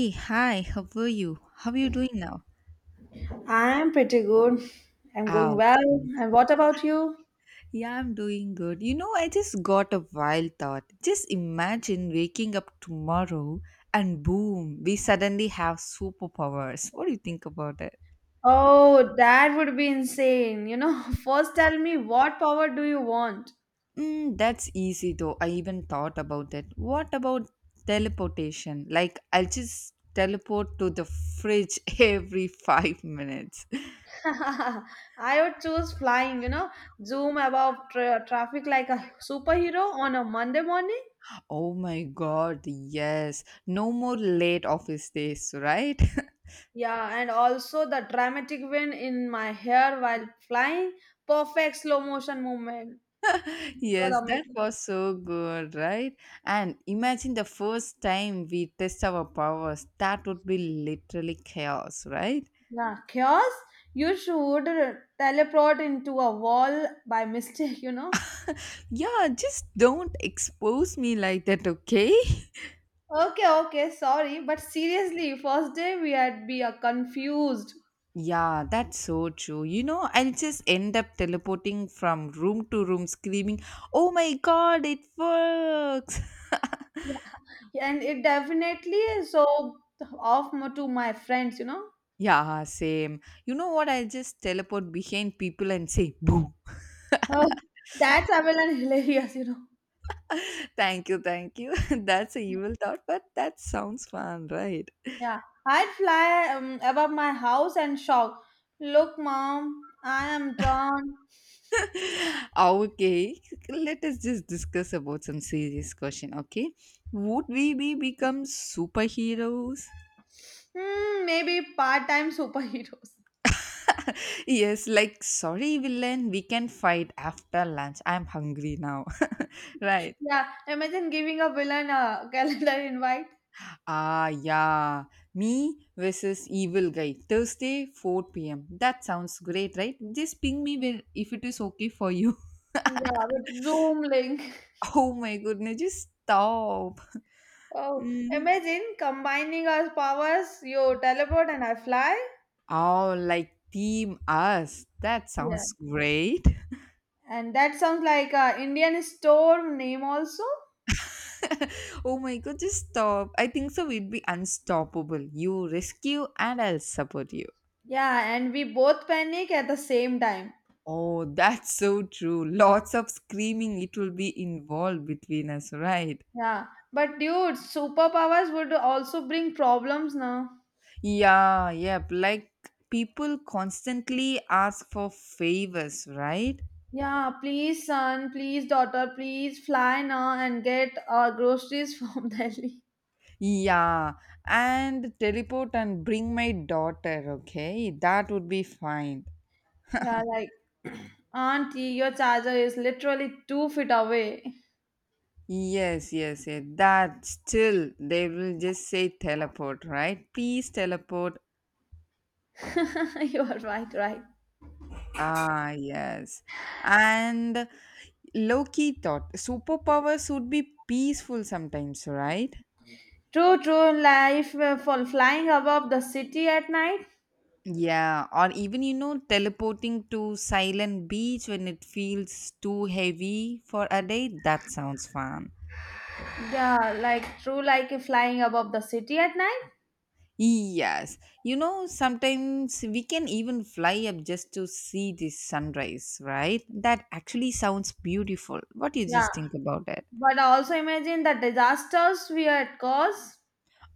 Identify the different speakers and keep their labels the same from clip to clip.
Speaker 1: Hey, hi, how are you? How are you doing now?
Speaker 2: I'm pretty good. I'm going
Speaker 1: Ah,
Speaker 2: well.
Speaker 1: okay.
Speaker 2: And what about you?
Speaker 1: Yeah, I'm doing good. You know, I just got a wild thought. Just imagine waking up tomorrow and boom, we suddenly have superpowers. What do you think about it?
Speaker 2: Oh, that would be insane. You know, first tell me what power do you want?
Speaker 1: Mm, that's easy though. I even thought about it. What about teleportation? Like, I'll just teleport to the fridge every 5 minutes.
Speaker 2: I would choose flying, you know, zoom above traffic like a superhero on a Monday morning.
Speaker 1: Oh my god, yes. No more late office days, right?
Speaker 2: Yeah, and also the dramatic wind in my hair while flying, perfect slow motion movement. It
Speaker 1: Yes,
Speaker 2: was
Speaker 1: that
Speaker 2: amazing.
Speaker 1: was so good, right? And imagine the first time we test our powers. That would be literally chaos, right?
Speaker 2: Yeah, chaos. You should teleport into a wall by mistake, you know.
Speaker 1: Yeah, just don't expose me like that, okay?
Speaker 2: Okay, okay, sorry, but seriously, first day we had be confused,
Speaker 1: Yeah, that's so true. You know, I'll just end up teleporting from room to room screaming, oh my god, it works!
Speaker 2: and it definitely is so to my friends, you know.
Speaker 1: Yeah, same. You know what? I'll just teleport behind people and say, boo!
Speaker 2: Oh, that's Avalon hilarious, you know.
Speaker 1: Thank you, thank you. That's a evil thought, but that sounds fun, right?
Speaker 2: Yeah, I'd fly above my house and shout, "Look, mom, I am drawn.
Speaker 1: Okay, let us just discuss about some serious question, okay? Would we be become superheroes?
Speaker 2: Hmm, maybe part-time superheroes."
Speaker 1: Yes, like sorry villain, we can fight after lunch, I'm hungry now. Right.
Speaker 2: Yeah, imagine giving a villain a calendar invite.
Speaker 1: Ah yeah, me versus evil guy, thursday 4 p.m, that sounds great, right? Just ping me when if it is okay for you.
Speaker 2: Yeah, with Zoom link.
Speaker 1: Oh my goodness, just stop.
Speaker 2: Oh, imagine combining our powers. You teleport and I fly.
Speaker 1: Oh, like Team Us. That
Speaker 2: Yeah.
Speaker 1: sounds great.
Speaker 2: And that sounds like a Indian storm name also.
Speaker 1: Oh my god, just stop. I think so we'd be unstoppable. You rescue and I'll support you.
Speaker 2: Yeah, and we both panic at the same time.
Speaker 1: Oh, that's so true. Lots of screaming it will be involved between us, right?
Speaker 2: Yeah, but dude, superpowers would also bring problems now.
Speaker 1: Yeah, yep. Like people constantly ask for favors, right?
Speaker 2: Yeah, please son, please daughter, please fly now and get our groceries from Delhi.
Speaker 1: Yeah, and teleport and bring my daughter, okay? That would be fine.
Speaker 2: Yeah, like auntie, your charger is literally 2 feet away.
Speaker 1: Yes, yes, yes. That still they will just say teleport, right? Please teleport.
Speaker 2: You are right, right.
Speaker 1: Ah, yes. And Loki thought superpowers would be peaceful sometimes, right?
Speaker 2: True, true life for flying above the city at night.
Speaker 1: Yeah, or even you know, teleporting to silent beach when it feels too heavy for a day, that sounds fun.
Speaker 2: Yeah, like true, like flying above the city at night.
Speaker 1: Yes, you know, sometimes we can even fly up just to see the sunrise, right? That actually sounds beautiful. What do you
Speaker 2: Yeah,
Speaker 1: just think about it?
Speaker 2: but also imagine the disasters we had caused.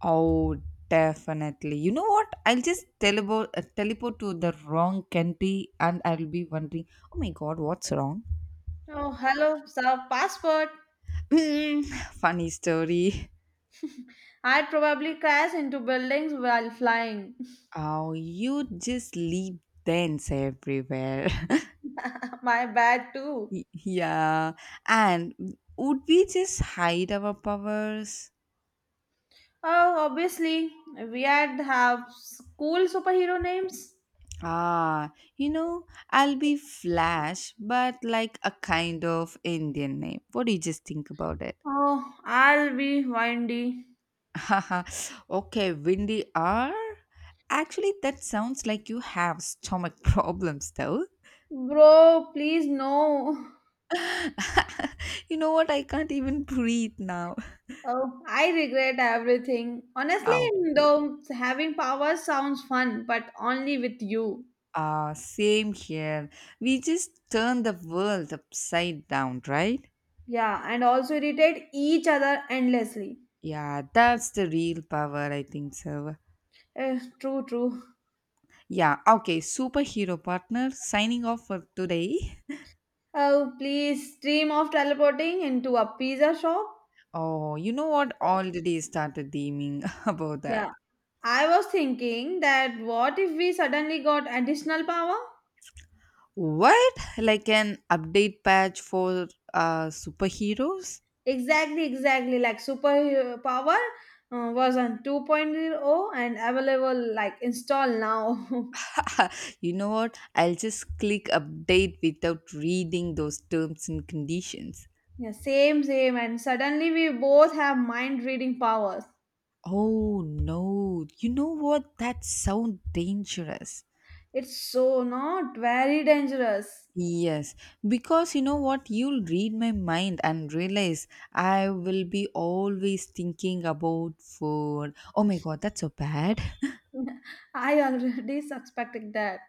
Speaker 1: Oh, definitely. You know what? I'll just teleport to the wrong country and I'll be wondering, oh my god, what's wrong?
Speaker 2: Oh, hello, sir, passport.
Speaker 1: Mm, funny story.
Speaker 2: I'd probably crash into buildings while flying.
Speaker 1: Oh, you just leave dents everywhere.
Speaker 2: My bad too.
Speaker 1: Yeah, and would we just hide our powers?
Speaker 2: Oh, obviously, we had have cool superhero names.
Speaker 1: Ah, you know, I'll be Flash, but like a kind of Indian name. What do you just think about it?
Speaker 2: Oh, I'll be windy.
Speaker 1: Okay, Windy R? Actually, that sounds like you have stomach problems, though.
Speaker 2: Bro, please no.
Speaker 1: You know what? I can't even breathe now.
Speaker 2: Oh, I regret everything. Honestly,
Speaker 1: Oh,
Speaker 2: though, having power sounds fun, but only with you.
Speaker 1: ah, same here. We just turn the world upside down, right?
Speaker 2: Yeah, and also irritate each other endlessly.
Speaker 1: Yeah, that's the real power, I think so.
Speaker 2: Eh, true, true.
Speaker 1: Yeah, okay. Superhero partner signing off for today.
Speaker 2: Oh, please dream of teleporting into a pizza shop.
Speaker 1: Oh, you know what? Already started deeming about
Speaker 2: Yeah,
Speaker 1: that.
Speaker 2: I was thinking that what if we suddenly got additional power?
Speaker 1: What? Like an update patch for superheroes?
Speaker 2: Exactly, exactly. Like super power was on 2.0 and available like install now.
Speaker 1: You know what? I'll just click update without reading those terms and conditions.
Speaker 2: Yeah, same, same. And suddenly we both have mind reading powers.
Speaker 1: Oh no, you know what? That sounds dangerous.
Speaker 2: It's so not very dangerous.
Speaker 1: Yes, because you know what, you'll read my mind and realize I will be always thinking about food. Oh my god, that's so bad.
Speaker 2: I already suspected that.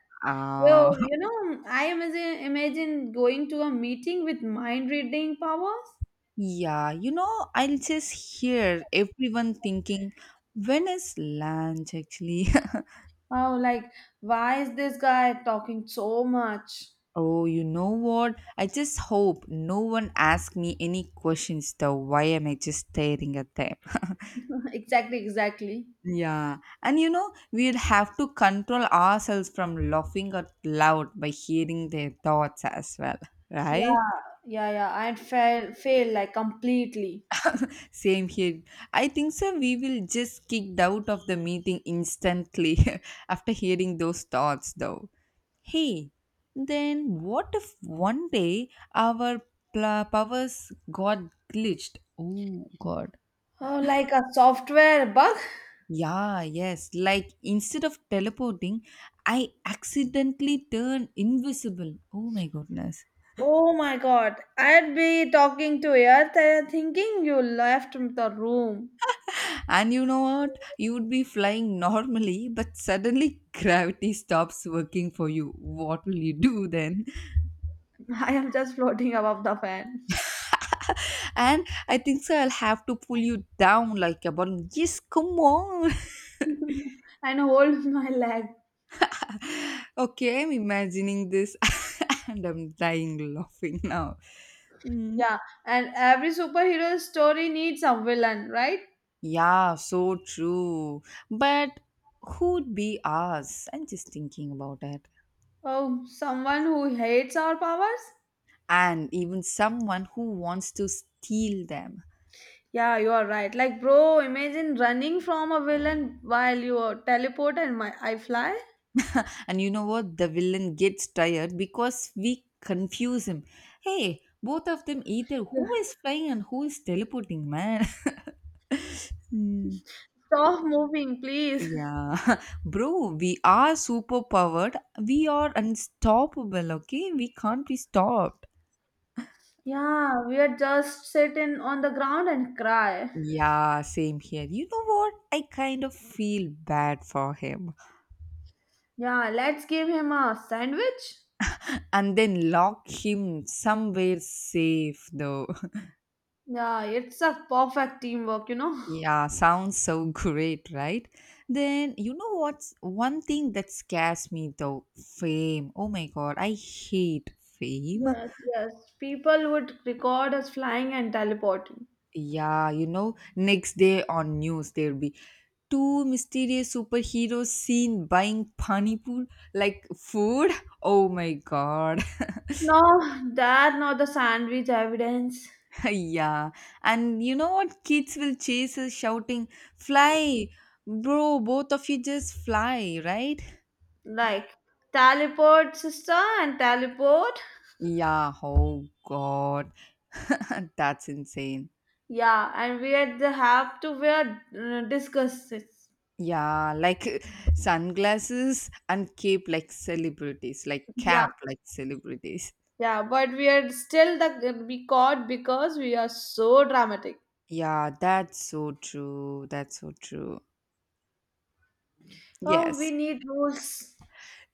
Speaker 2: Yo,
Speaker 1: Oh,
Speaker 2: you know, imagine going to a meeting with mind reading powers.
Speaker 1: yeah, you know, I'll just hear everyone thinking, when is lunch actually?
Speaker 2: Oh, like, why is this guy talking so much?
Speaker 1: Oh, you know what? I just hope no one asks me any questions though. Why am I just staring at them?
Speaker 2: Exactly, exactly.
Speaker 1: Yeah, and you know, we'll have to control ourselves from laughing out loud by hearing their thoughts as well, right?
Speaker 2: Yeah, yeah. Fail like completely.
Speaker 1: Same here. I think so. We will just kicked out of the meeting instantly after hearing those thoughts, though. Hey, then what if one day our powers got glitched? Oh, God.
Speaker 2: Oh, like a software bug?
Speaker 1: Yeah, yes. Like instead of teleporting, I accidentally turn invisible. Oh my goodness.
Speaker 2: Oh my god, I'd be talking to air thinking you left the room.
Speaker 1: And you know what? You would be flying normally, but suddenly gravity stops working for you. What will you do then?
Speaker 2: I am just floating above the fan
Speaker 1: And I think so I'll have to pull you down like a balloon. Yes, come on.
Speaker 2: and hold my leg.
Speaker 1: Okay, I'm imagining this and I'm dying laughing now. Hmm.
Speaker 2: Yeah, and every superhero story needs a villain, right?
Speaker 1: Yeah, so true. But who'd be us? I'm just thinking about it.
Speaker 2: Oh, someone who hates our powers?
Speaker 1: And even someone who wants to steal them.
Speaker 2: Yeah, you are right. Like, bro, imagine running from a villain while you are teleport and my I fly.
Speaker 1: And you know what? The villain gets tired because we confuse him. Hey, both of them either
Speaker 2: Yeah.
Speaker 1: who is flying and who is teleporting, man. Hmm.
Speaker 2: Stop moving, please.
Speaker 1: Yeah, bro, we are super powered. We are unstoppable, okay? We can't be stopped.
Speaker 2: Yeah, we are just sitting on the ground and cry.
Speaker 1: Yeah, same here. You know what? I kind of feel bad for him.
Speaker 2: Yeah, let's give him a sandwich.
Speaker 1: And then lock him somewhere safe, though.
Speaker 2: Yeah, it's a perfect teamwork, you know.
Speaker 1: Yeah, sounds so great, right? Then, you know what's one thing that scares me, though? Fame. Oh my god, I hate fame.
Speaker 2: Yes, yes. People would record us flying and teleporting.
Speaker 1: Yeah, you know, next day on news, there'll be two mysterious superheroes seen buying pani pool, like food. Oh my god.
Speaker 2: No, that not the sandwich evidence.
Speaker 1: Yeah, and you know what? Kids will chase us shouting, fly, bro, both of you just fly, right?
Speaker 2: Like teleport sister and teleport.
Speaker 1: Yeah, oh god, that's insane.
Speaker 2: Yeah, and we had to have to wear disguises.
Speaker 1: Yeah, like sunglasses and cape like celebrities,
Speaker 2: Yeah,
Speaker 1: like celebrities.
Speaker 2: yeah, but we are still the we caught because we are so dramatic.
Speaker 1: Yeah, that's so true. That's so true.
Speaker 2: Oh,
Speaker 1: Yes.
Speaker 2: we need rules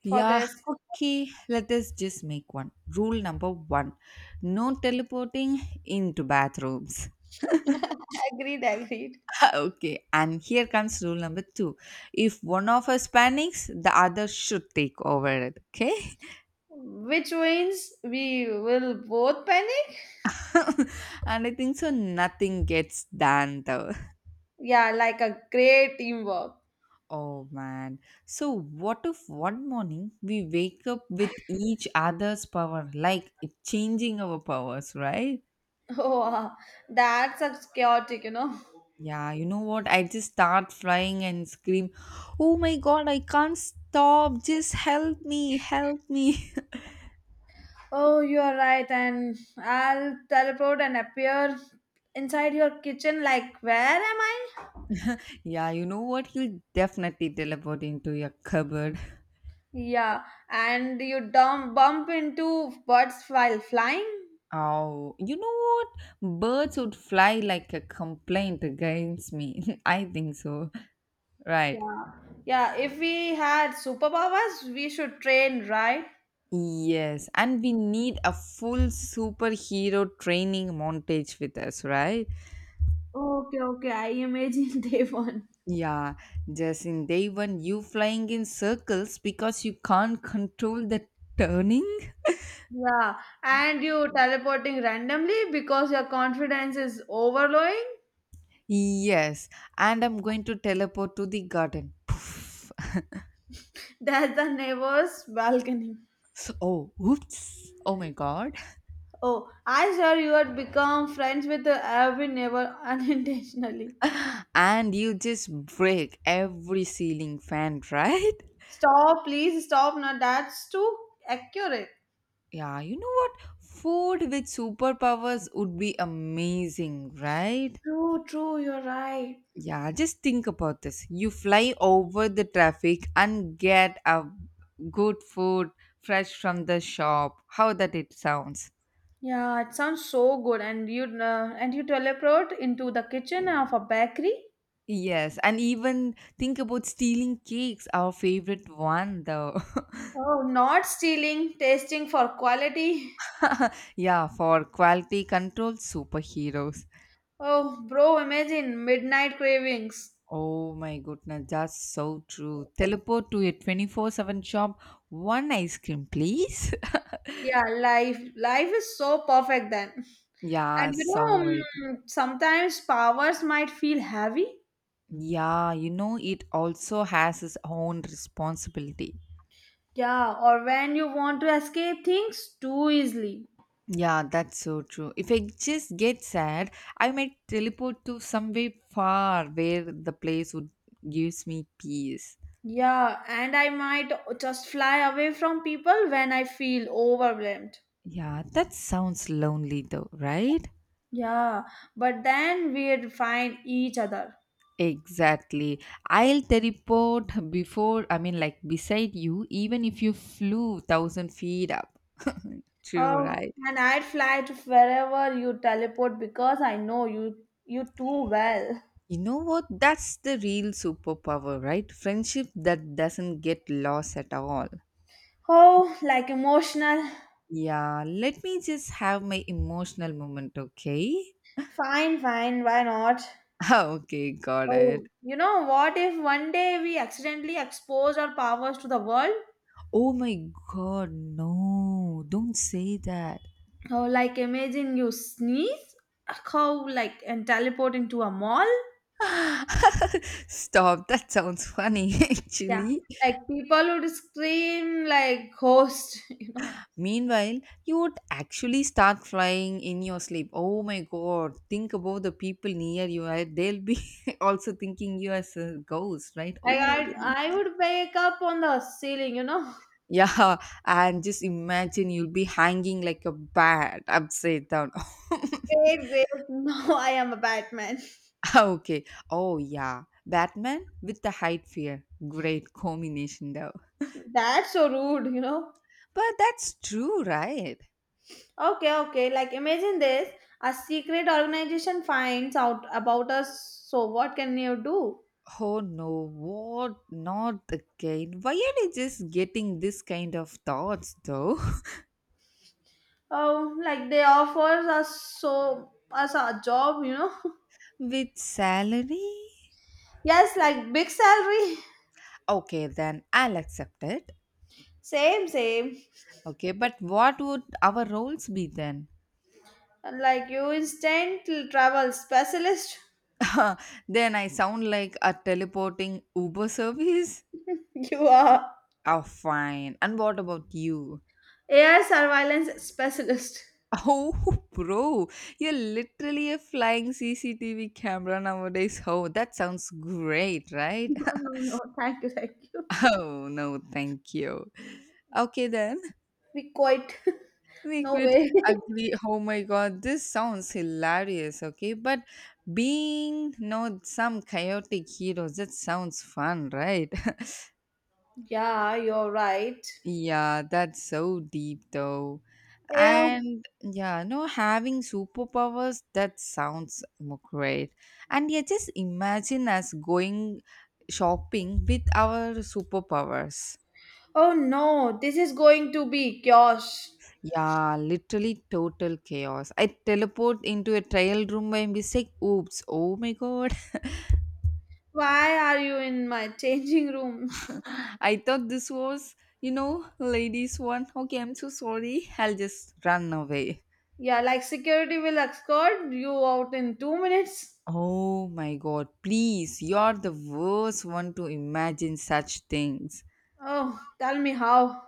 Speaker 2: for
Speaker 1: Yeah,
Speaker 2: this.
Speaker 1: okay, let us just make one. Rule number one, no teleporting into bathrooms.
Speaker 2: Agreed, agreed.
Speaker 1: Okay, and here comes rule number two. If one of us panics, the other should take over it. Okay,
Speaker 2: Which means we will both panic.
Speaker 1: and I think so. Nothing gets done though.
Speaker 2: Yeah, like a great teamwork.
Speaker 1: Oh man. So, what if one morning we wake up with each other's power, like it changing our powers, right?
Speaker 2: Oh, wow. That's a chaotic, you know.
Speaker 1: Yeah, you know what? I just start flying and scream, oh my god, I can't stop. Just help me, help me.
Speaker 2: Oh, you are right, and I'll teleport and appear inside your kitchen. Like, where am I?
Speaker 1: Yeah, you know what? He will definitely teleport into your cupboard.
Speaker 2: Yeah, and you dump bump into birds while flying.
Speaker 1: Oh, you know what? Birds would fly like a complaint against me. I think so. Right.
Speaker 2: Yeah, yeah. If we had superpowers, we should train, right?
Speaker 1: Yes. And we need a full superhero training montage with us, right?
Speaker 2: Okay, okay. I imagine day one.
Speaker 1: Yeah. Just in day one, you flying in circles because you can't control the turning.
Speaker 2: Yeah, and you teleporting randomly because your confidence is overflowing.
Speaker 1: Yes. And I'm going to teleport to the garden. Poof.
Speaker 2: That's the neighbor's balcony.
Speaker 1: So, oh, oops. Oh my god.
Speaker 2: Oh, I swear you had become friends with every neighbor unintentionally.
Speaker 1: And you just break every ceiling fan, right?
Speaker 2: Stop, please stop. Now that's too accurate.
Speaker 1: Yeah, you know what? Food with superpowers would be amazing, right?
Speaker 2: True, true. You're right.
Speaker 1: Yeah, just think about this. You fly over the traffic and get a good food fresh from the shop. How that it sounds.
Speaker 2: Yeah, it sounds so good. And you teleport into the kitchen of a bakery.
Speaker 1: Yes, and even think about stealing cakes, our favorite one though.
Speaker 2: Oh, not stealing, tasting for quality.
Speaker 1: Yeah, for quality control superheroes.
Speaker 2: Oh, bro, imagine midnight cravings.
Speaker 1: Oh my goodness, that's so true. Teleport to a 24/7 shop, one ice cream, please.
Speaker 2: Yeah, life is so perfect then. And
Speaker 1: Yeah,
Speaker 2: you
Speaker 1: so very.
Speaker 2: know, sometimes powers might feel heavy.
Speaker 1: Yeah, you know, it also has its own responsibility.
Speaker 2: Yeah, or when you want to escape things too easily.
Speaker 1: Yeah, that's so true. If I just get sad, I might teleport to somewhere far where the place would gives me peace.
Speaker 2: Yeah, and I might just fly away from people when I feel overwhelmed.
Speaker 1: Yeah, that sounds lonely though, right?
Speaker 2: Yeah, but then we'd find each other.
Speaker 1: Exactly. I'll teleport before, I mean, like beside you, even if you flew 1,000 feet up. True,
Speaker 2: Oh,
Speaker 1: right?
Speaker 2: and I'd fly to wherever you teleport because I know you too well.
Speaker 1: You know what? That's the real superpower, right? Friendship that doesn't get lost at all.
Speaker 2: Oh, like emotional.
Speaker 1: Yeah, let me just have my emotional moment, okay?
Speaker 2: Fine, fine, why not?
Speaker 1: Okay, got it.
Speaker 2: Oh, you know what if one day we accidentally expose our powers to the world?
Speaker 1: Oh my god, no, don't say that.
Speaker 2: Oh, like imagine you sneeze, how like and teleport into a mall?
Speaker 1: Stop, that sounds funny
Speaker 2: Yeah,
Speaker 1: actually.
Speaker 2: like people would scream like ghost, you know.
Speaker 1: Meanwhile, you would actually start flying in your sleep. Oh my god, think about the people near you. Right? They'll be also thinking you as a ghost, right?
Speaker 2: Like
Speaker 1: Oh my goodness.
Speaker 2: I would wake up on the ceiling, you know.
Speaker 1: Yeah, and just imagine you'll be hanging like a bat upside down.
Speaker 2: No, I am a Batman.
Speaker 1: Okay. Oh yeah. Batman with the height fear. Great combination though.
Speaker 2: That's so rude, you know.
Speaker 1: But that's true, right?
Speaker 2: Okay, okay. Like imagine this, a secret organization finds out about us. So what can you do?
Speaker 1: Oh no, what not again? Why are they just getting this kind of thoughts though?
Speaker 2: Oh, like they offer us a job, you know?
Speaker 1: With salary?
Speaker 2: Yes, like big salary.
Speaker 1: Okay, then I'll accept it.
Speaker 2: Same, same.
Speaker 1: Okay, but what would our roles be then?
Speaker 2: Like you instant travel specialist.
Speaker 1: Then I sound like a teleporting Uber service?
Speaker 2: You are
Speaker 1: Oh, fine. And what about you?
Speaker 2: AI surveillance specialist.
Speaker 1: Oh, bro, you're literally a flying CCTV camera nowadays. Oh, that sounds great, right?
Speaker 2: No, no, no. Thank you, thank you.
Speaker 1: Oh, no, thank you. Okay, then
Speaker 2: We quite
Speaker 1: we
Speaker 2: no
Speaker 1: could
Speaker 2: way.
Speaker 1: agree. Oh my god, this sounds hilarious. Okay, but being no some chaotic heroes, that sounds fun, right?
Speaker 2: Yeah, you're right.
Speaker 1: Yeah, that's so deep though.
Speaker 2: Yeah.
Speaker 1: And yeah, no, having superpowers, that sounds great. And yeah, just imagine us going shopping with our superpowers.
Speaker 2: Oh no, this is going to be chaos.
Speaker 1: Yeah, literally total chaos. I teleport into a trial room by mistake. Oops. Oh my god.
Speaker 2: Why are you in my changing room?
Speaker 1: I thought this was, you know, ladies one. Okay, I'm so sorry. I'll just run away.
Speaker 2: Yeah, like security will escort you out in 2 minutes.
Speaker 1: Oh my god, please. You're the worst one to imagine such things.
Speaker 2: Oh, tell me how.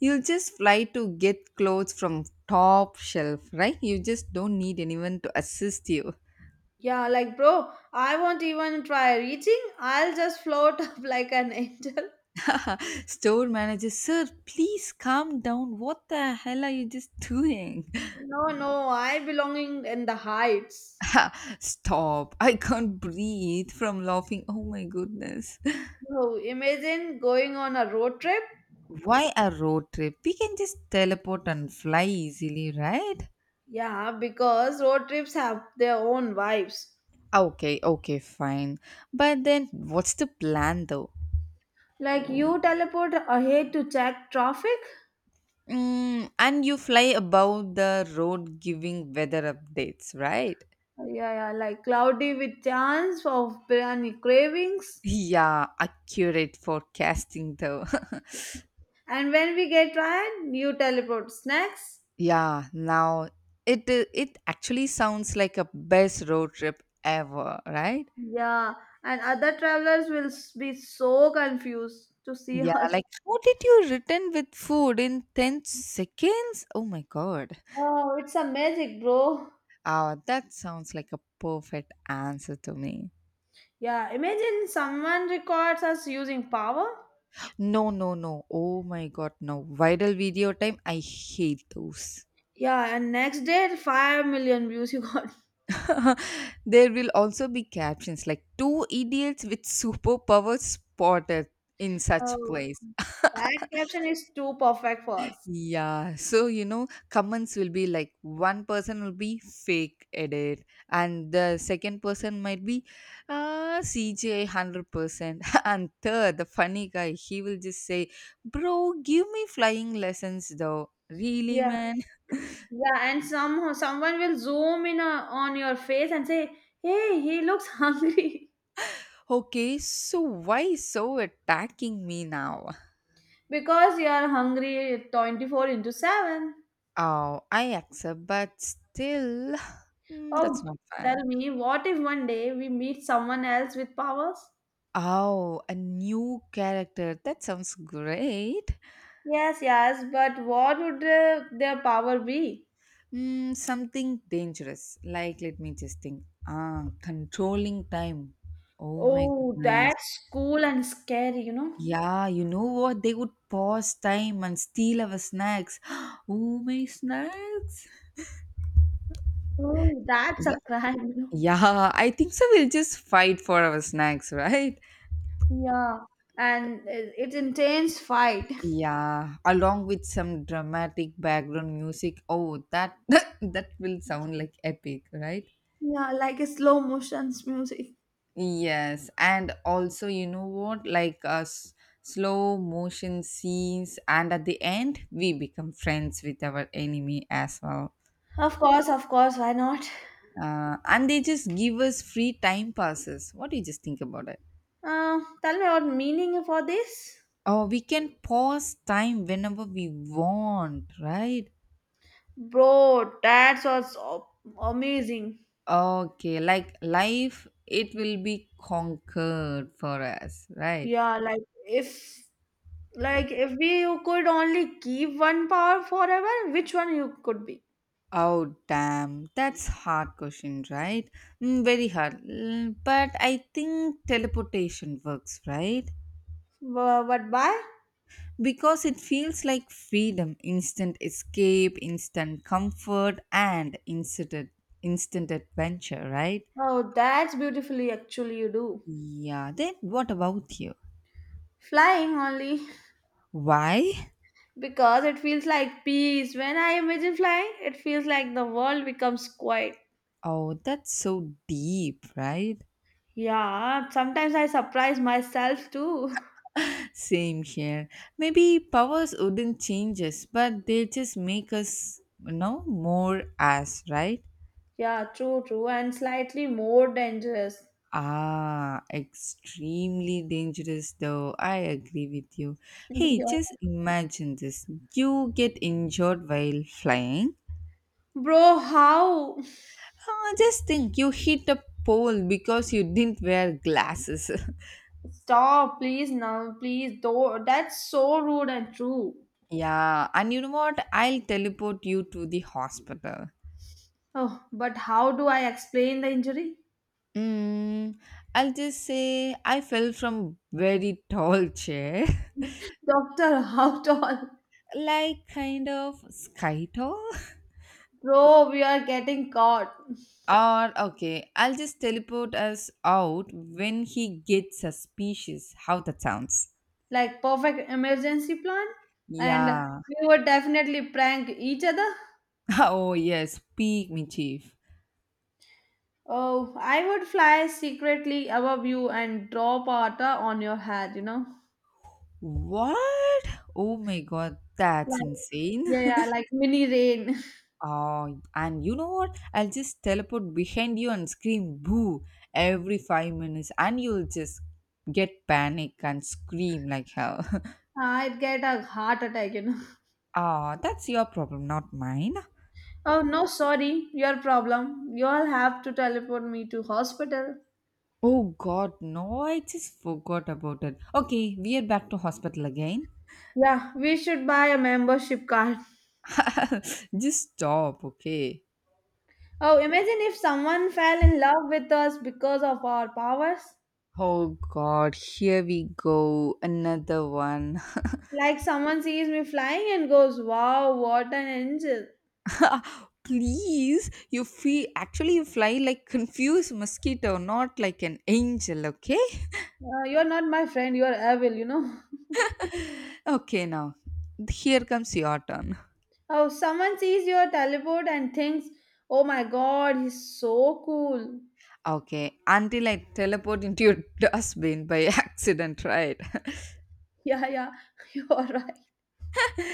Speaker 1: You'll just fly to get clothes from top shelf, right? You just don't need anyone to assist you.
Speaker 2: Yeah, like bro, I won't even try reaching. I'll just float up like an angel.
Speaker 1: Store manager, sir, please calm down. What the hell are you just doing?
Speaker 2: No, no, I belonging in the heights.
Speaker 1: Ha, stop. I can't breathe from laughing. Oh my goodness.
Speaker 2: So imagine going on a road trip.
Speaker 1: Why a road trip? We can just teleport and fly easily, right?
Speaker 2: Yeah, because road trips have their own vibes.
Speaker 1: Okay, okay, fine. But then what's the plan though?
Speaker 2: Like you teleport ahead to check traffic.
Speaker 1: Mm, and you fly above the road giving weather updates, right?
Speaker 2: Yeah, yeah, like cloudy with chance of biryani cravings.
Speaker 1: Yeah, accurate forecasting though.
Speaker 2: And when we get tired, you teleport snacks.
Speaker 1: Yeah, now it it actually sounds like a best road trip ever, right?
Speaker 2: Yeah, and other travelers will be so confused to see
Speaker 1: Yeah,
Speaker 2: us.
Speaker 1: like how did you return with food in 10 seconds? Oh my god.
Speaker 2: Oh, it's a magic, bro.
Speaker 1: Ah, that sounds like a perfect answer to me.
Speaker 2: Yeah, imagine someone records us using power.
Speaker 1: No, no, no. Oh my god, no. Viral video time, I hate those.
Speaker 2: Yeah, and next day, 5 million views you got.
Speaker 1: There will also be captions like two idiots with superpowers spotted in such
Speaker 2: Oh,
Speaker 1: place.
Speaker 2: that caption is too perfect for us.
Speaker 1: Yeah, so comments will be like one person will be fake edit, and the second person might be CJ 100%, and third, the funny guy, he will just say, bro, give me flying lessons though. Really,
Speaker 2: Yeah.
Speaker 1: man?
Speaker 2: Yeah, and somehow someone will zoom in on your face and say, "Hey, he looks hungry."
Speaker 1: Okay, so why so attacking me now?
Speaker 2: Because you are hungry 24 into seven.
Speaker 1: Oh, I accept, but still,
Speaker 2: Oh,
Speaker 1: that's not fair.
Speaker 2: tell me, what if one day we meet someone else with powers?
Speaker 1: Oh, a new character. That sounds great.
Speaker 2: Yes, yes, but what would their power be?
Speaker 1: Mm, something dangerous. Like, let me just think. Ah, controlling time. Oh my
Speaker 2: Oh,
Speaker 1: goodness.
Speaker 2: that's cool and scary, you know.
Speaker 1: Yeah, you know what? They would pause time and steal our snacks. Oh, my snacks.
Speaker 2: Oh, that's
Speaker 1: Yeah,
Speaker 2: a crime, you know.
Speaker 1: yeah, I think so. We'll just fight for our snacks, right?
Speaker 2: Yeah, and it's intense fight.
Speaker 1: Yeah, along with some dramatic background music. Oh, that that will sound like epic, right?
Speaker 2: Yeah, like a slow motion's music.
Speaker 1: Yes, and also, you know what? Like slow motion scenes, and at the end, we become friends with our enemy as well.
Speaker 2: Of course, why not?
Speaker 1: And they just give us free time passes. What do you just think about it?
Speaker 2: Tell me what meaning for this?
Speaker 1: Oh, we can pause time whenever we want, right?
Speaker 2: Bro, that's also amazing.
Speaker 1: Okay, like life, it will be conquered for us, right?
Speaker 2: Yeah, like if we you could only keep one power forever, which one you could be?
Speaker 1: Oh damn, that's hard question, right? Mm, very hard. Mm, but I think teleportation works, right?
Speaker 2: What by?
Speaker 1: Because it feels like freedom, instant escape, instant comfort, and instant adventure, right?
Speaker 2: Oh, that's beautifully actually you do.
Speaker 1: Yeah. Then what about you?
Speaker 2: Flying only
Speaker 1: Why?
Speaker 2: because it feels like peace. When I imagine flying, it feels like the world becomes quiet.
Speaker 1: Oh, that's so deep, right?
Speaker 2: Yeah, sometimes I surprise myself too.
Speaker 1: Same here. Maybe powers wouldn't change us, but they just make us, more us, right?
Speaker 2: Yeah, true, true, and slightly more dangerous.
Speaker 1: Ah, extremely dangerous though. I agree with you. Hey,
Speaker 2: Yeah.
Speaker 1: just imagine this. You get injured while flying.
Speaker 2: Bro, how?
Speaker 1: Ah, just think you hit a pole because you didn't wear glasses.
Speaker 2: Stop, please, now, please. Though that's so rude and true.
Speaker 1: Yeah, and you know what? I'll teleport you to the hospital.
Speaker 2: Oh, but how do I explain the injury?
Speaker 1: Mm, I'll just say I fell from very tall chair,
Speaker 2: Doctor, how tall?
Speaker 1: like kind of sky tall.
Speaker 2: Bro, we are getting caught.
Speaker 1: Or, okay, I'll just teleport us out when he gets suspicious. How that sounds.
Speaker 2: Like perfect emergency plan, and
Speaker 1: Yeah.
Speaker 2: we would definitely prank each other.
Speaker 1: Oh, yes. Peak me, chief.
Speaker 2: Oh, I would fly secretly above you and drop water on your head. You know,
Speaker 1: What? Oh my god, that's
Speaker 2: like
Speaker 1: insane.
Speaker 2: yeah, yeah, like mini rain.
Speaker 1: Oh, and you know what? I'll just teleport behind you and scream boo every 5 minutes, and you'll just get panic and scream like hell.
Speaker 2: I'd get a heart attack, you know.
Speaker 1: Ah, that's your problem, not mine.
Speaker 2: Oh no, sorry, your problem. You'll have to teleport me to hospital.
Speaker 1: Oh god, no, I just forgot about it. Okay, we are back to hospital again.
Speaker 2: Yeah, we should buy a membership card.
Speaker 1: Just stop, okay?
Speaker 2: Oh, imagine if someone fell in love with us because of our powers.
Speaker 1: Oh god, here we go. Another one.
Speaker 2: Like someone sees me flying and goes, "Wow, what an angel!"
Speaker 1: Please, you feel actually you fly like confused mosquito, not like an angel, okay?
Speaker 2: You're not my friend. You're evil, you know.
Speaker 1: Okay, now here comes your turn.
Speaker 2: Oh, someone sees your teleport and thinks, "Oh my God, he's so cool."
Speaker 1: Okay, until I teleport into your dustbin by accident, right?
Speaker 2: Yeah, yeah, you're right.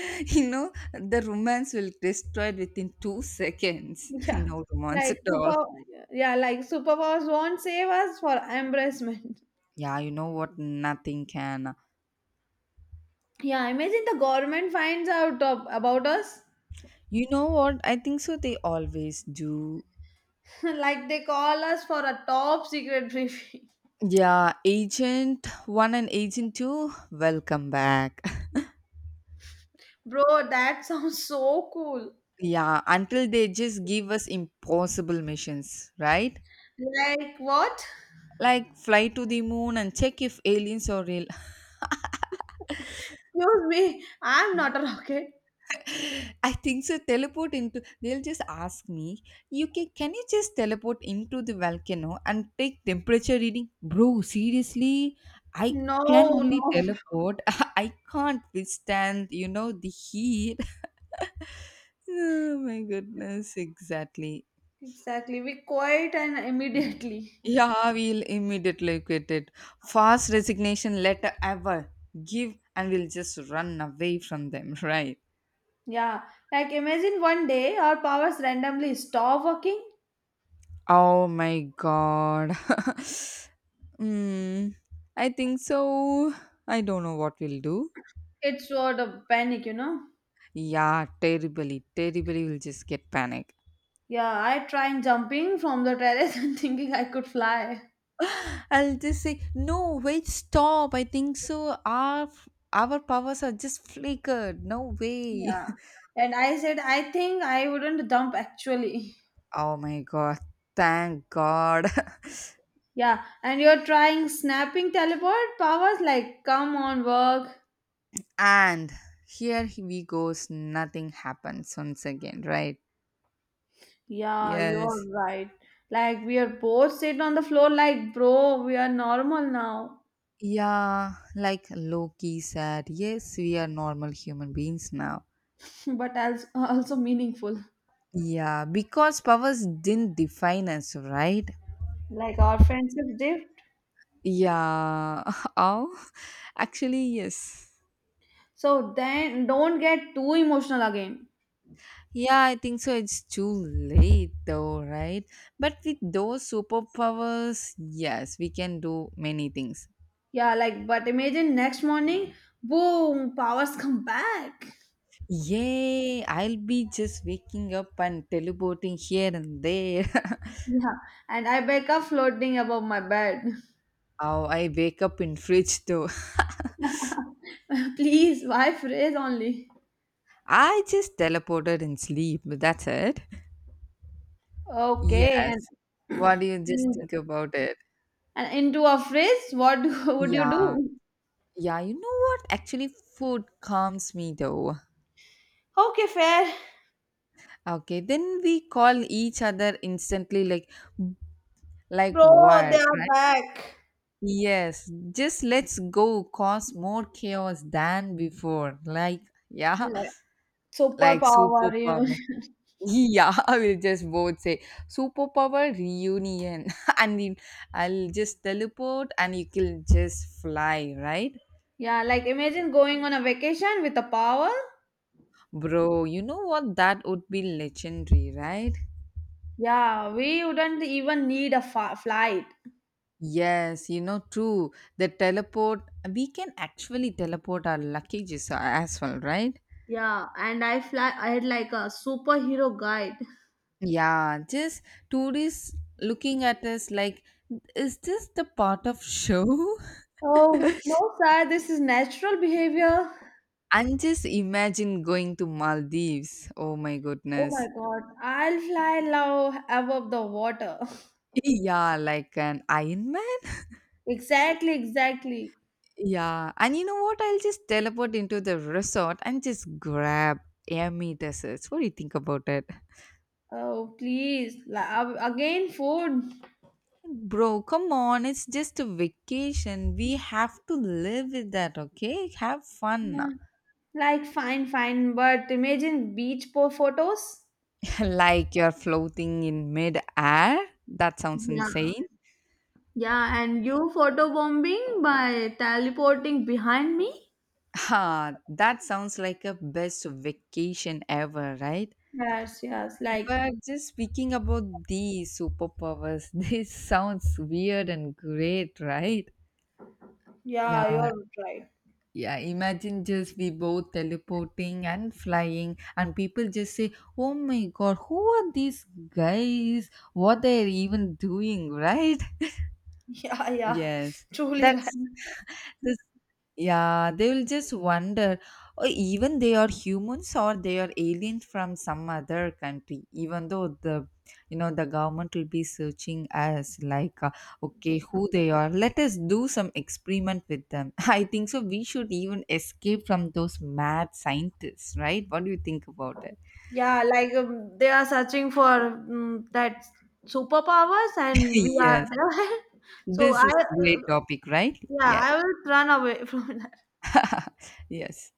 Speaker 1: You know, the romance will destroy within 2 seconds.
Speaker 2: Yeah,
Speaker 1: No romance
Speaker 2: like
Speaker 1: at all.
Speaker 2: yeah, yeah, like superpowers won't save us for embarrassment.
Speaker 1: Yeah, you know what? Nothing can.
Speaker 2: Yeah, imagine the government finds out of, about us,
Speaker 1: You know what? I think so. They always do.
Speaker 2: like they call us for a top secret briefing.
Speaker 1: Yeah, Agent 1 and Agent 2, welcome back.
Speaker 2: Bro, that sounds so cool.
Speaker 1: Yeah, until they just give us impossible missions, right?
Speaker 2: Like what?
Speaker 1: Like fly to the moon and check if aliens are real.
Speaker 2: Excuse me, I'm not a rocket.
Speaker 1: I think so. Teleport into. They'll just ask me, "You can? Can you just teleport into the volcano and take temperature reading, bro? Seriously, I
Speaker 2: No,
Speaker 1: can only
Speaker 2: no.
Speaker 1: teleport. I can't withstand, you know, the heat." Oh my goodness, exactly.
Speaker 2: Exactly. We quit and immediately.
Speaker 1: Yeah, we'll immediately quit it. Fast resignation letter ever. Give and we'll just run away from them, right?
Speaker 2: Yeah. Like imagine one day our powers randomly stop working.
Speaker 1: Oh my god. Hmm. I think so. I don't know what we'll do.
Speaker 2: It's sort of panic, you know.
Speaker 1: Yeah, terribly, terribly we'll just get panic.
Speaker 2: Yeah, I tried jumping from the terrace and thinking I could fly.
Speaker 1: I'll just say, no, wait, stop. I think so. Our powers are just flickered. No way.
Speaker 2: Yeah. And I said, I think I wouldn't jump actually.
Speaker 1: Oh my god. Thank god.
Speaker 2: Yeah. And you're trying snapping teleport powers? Like, come on, work.
Speaker 1: And here we goes nothing happens once again, right?
Speaker 2: Yeah,
Speaker 1: Yes.
Speaker 2: you're right. Like, we are both sitting on the floor, like, bro, we are normal now,
Speaker 1: Yeah, like Loki said, yes, we are normal human beings now.
Speaker 2: but also meaningful.
Speaker 1: Yeah, because powers didn't define us, right?
Speaker 2: Like, our friendship dipped.
Speaker 1: Yeah. Oh, actually, yes.
Speaker 2: So then don't get too emotional again.
Speaker 1: Yeah, I think so. It's too late though, right? But with those superpowers, yes, we can do many things.
Speaker 2: Yeah, like, but imagine next morning, boom, powers come back.
Speaker 1: Yay, I'll be just waking up and teleporting here and there.
Speaker 2: Yeah, and I wake up floating above my bed.
Speaker 1: Oh, I wake up in fridge though.
Speaker 2: Please, why phrase only?
Speaker 1: I just teleported in sleep. That's it.
Speaker 2: Okay,
Speaker 1: Yes. What do you just
Speaker 2: and
Speaker 1: think about it?
Speaker 2: and into a phrase, what would you
Speaker 1: Yeah.
Speaker 2: do?
Speaker 1: Yeah, you know what? Actually, food calms me though.
Speaker 2: Okay, fair.
Speaker 1: Okay, then we call each other instantly like
Speaker 2: Bro, they
Speaker 1: what,
Speaker 2: are
Speaker 1: right?
Speaker 2: back.
Speaker 1: Yes, just let's go cause more chaos than before. Like, yeah,
Speaker 2: Like,
Speaker 1: like
Speaker 2: superpower, you know.
Speaker 1: superpower. Yeah, I will just both say superpower reunion, and then I'll just teleport and you can just fly, right?
Speaker 2: Yeah, like imagine going on a vacation with a power.
Speaker 1: Bro, you know what? That would be legendary, right?
Speaker 2: Yeah, we wouldn't even need a flight.
Speaker 1: Yes, you know, true. The teleport, we can actually teleport our luggages as well, right?
Speaker 2: Yeah, and I fly. I had like a superhero guide.
Speaker 1: Yeah, just tourists looking at us like, is this the part of show?
Speaker 2: Oh, no, sir, this is natural behavior.
Speaker 1: And just imagine going to Maldives. Oh my
Speaker 2: Oh my
Speaker 1: goodness.
Speaker 2: God, I'll fly low above the water.
Speaker 1: Yeah, like an Iron Man.
Speaker 2: Exactly, exactly.
Speaker 1: Yeah. And you know what? I'll just teleport into the resort and just grab Amy desserts. What do you think about it?
Speaker 2: Oh, please, again, food.
Speaker 1: Bro, come on. It's just a vacation. We have to live with that, okay? Have fun.
Speaker 2: Yeah, like fine, fine, but imagine beach po photos.
Speaker 1: Like you're floating in mid-air. That sounds
Speaker 2: Yeah,
Speaker 1: insane.
Speaker 2: yeah, and you photo bombing by teleporting behind me.
Speaker 1: Ha, that sounds like a best vacation ever, right?
Speaker 2: Yes, yes, like,
Speaker 1: But just speaking about these superpowers, this sounds weird and great, right?
Speaker 2: yeah,
Speaker 1: Yeah,
Speaker 2: you're right.
Speaker 1: yeah. Imagine just we both teleporting and flying, and people just say, "Oh my God, who are these guys? What they're even doing?" Right?
Speaker 2: Yeah, yeah,
Speaker 1: Yes,
Speaker 2: truly right.
Speaker 1: that's the yeah, they'll just wonder, oh, even they are humans or they are aliens from some other country. Even though the, you know, the government will be searching us like, okay, who they are. Let us do some experiment with them. I think so. We should even escape from those mad scientists, right? What do you think about it?
Speaker 2: Yeah, like they are searching for that superpowers, and we are
Speaker 1: Yes,
Speaker 2: there. So I,
Speaker 1: this is great topic, right?
Speaker 2: yeah,
Speaker 1: Yes,
Speaker 2: I will run away from
Speaker 1: yes.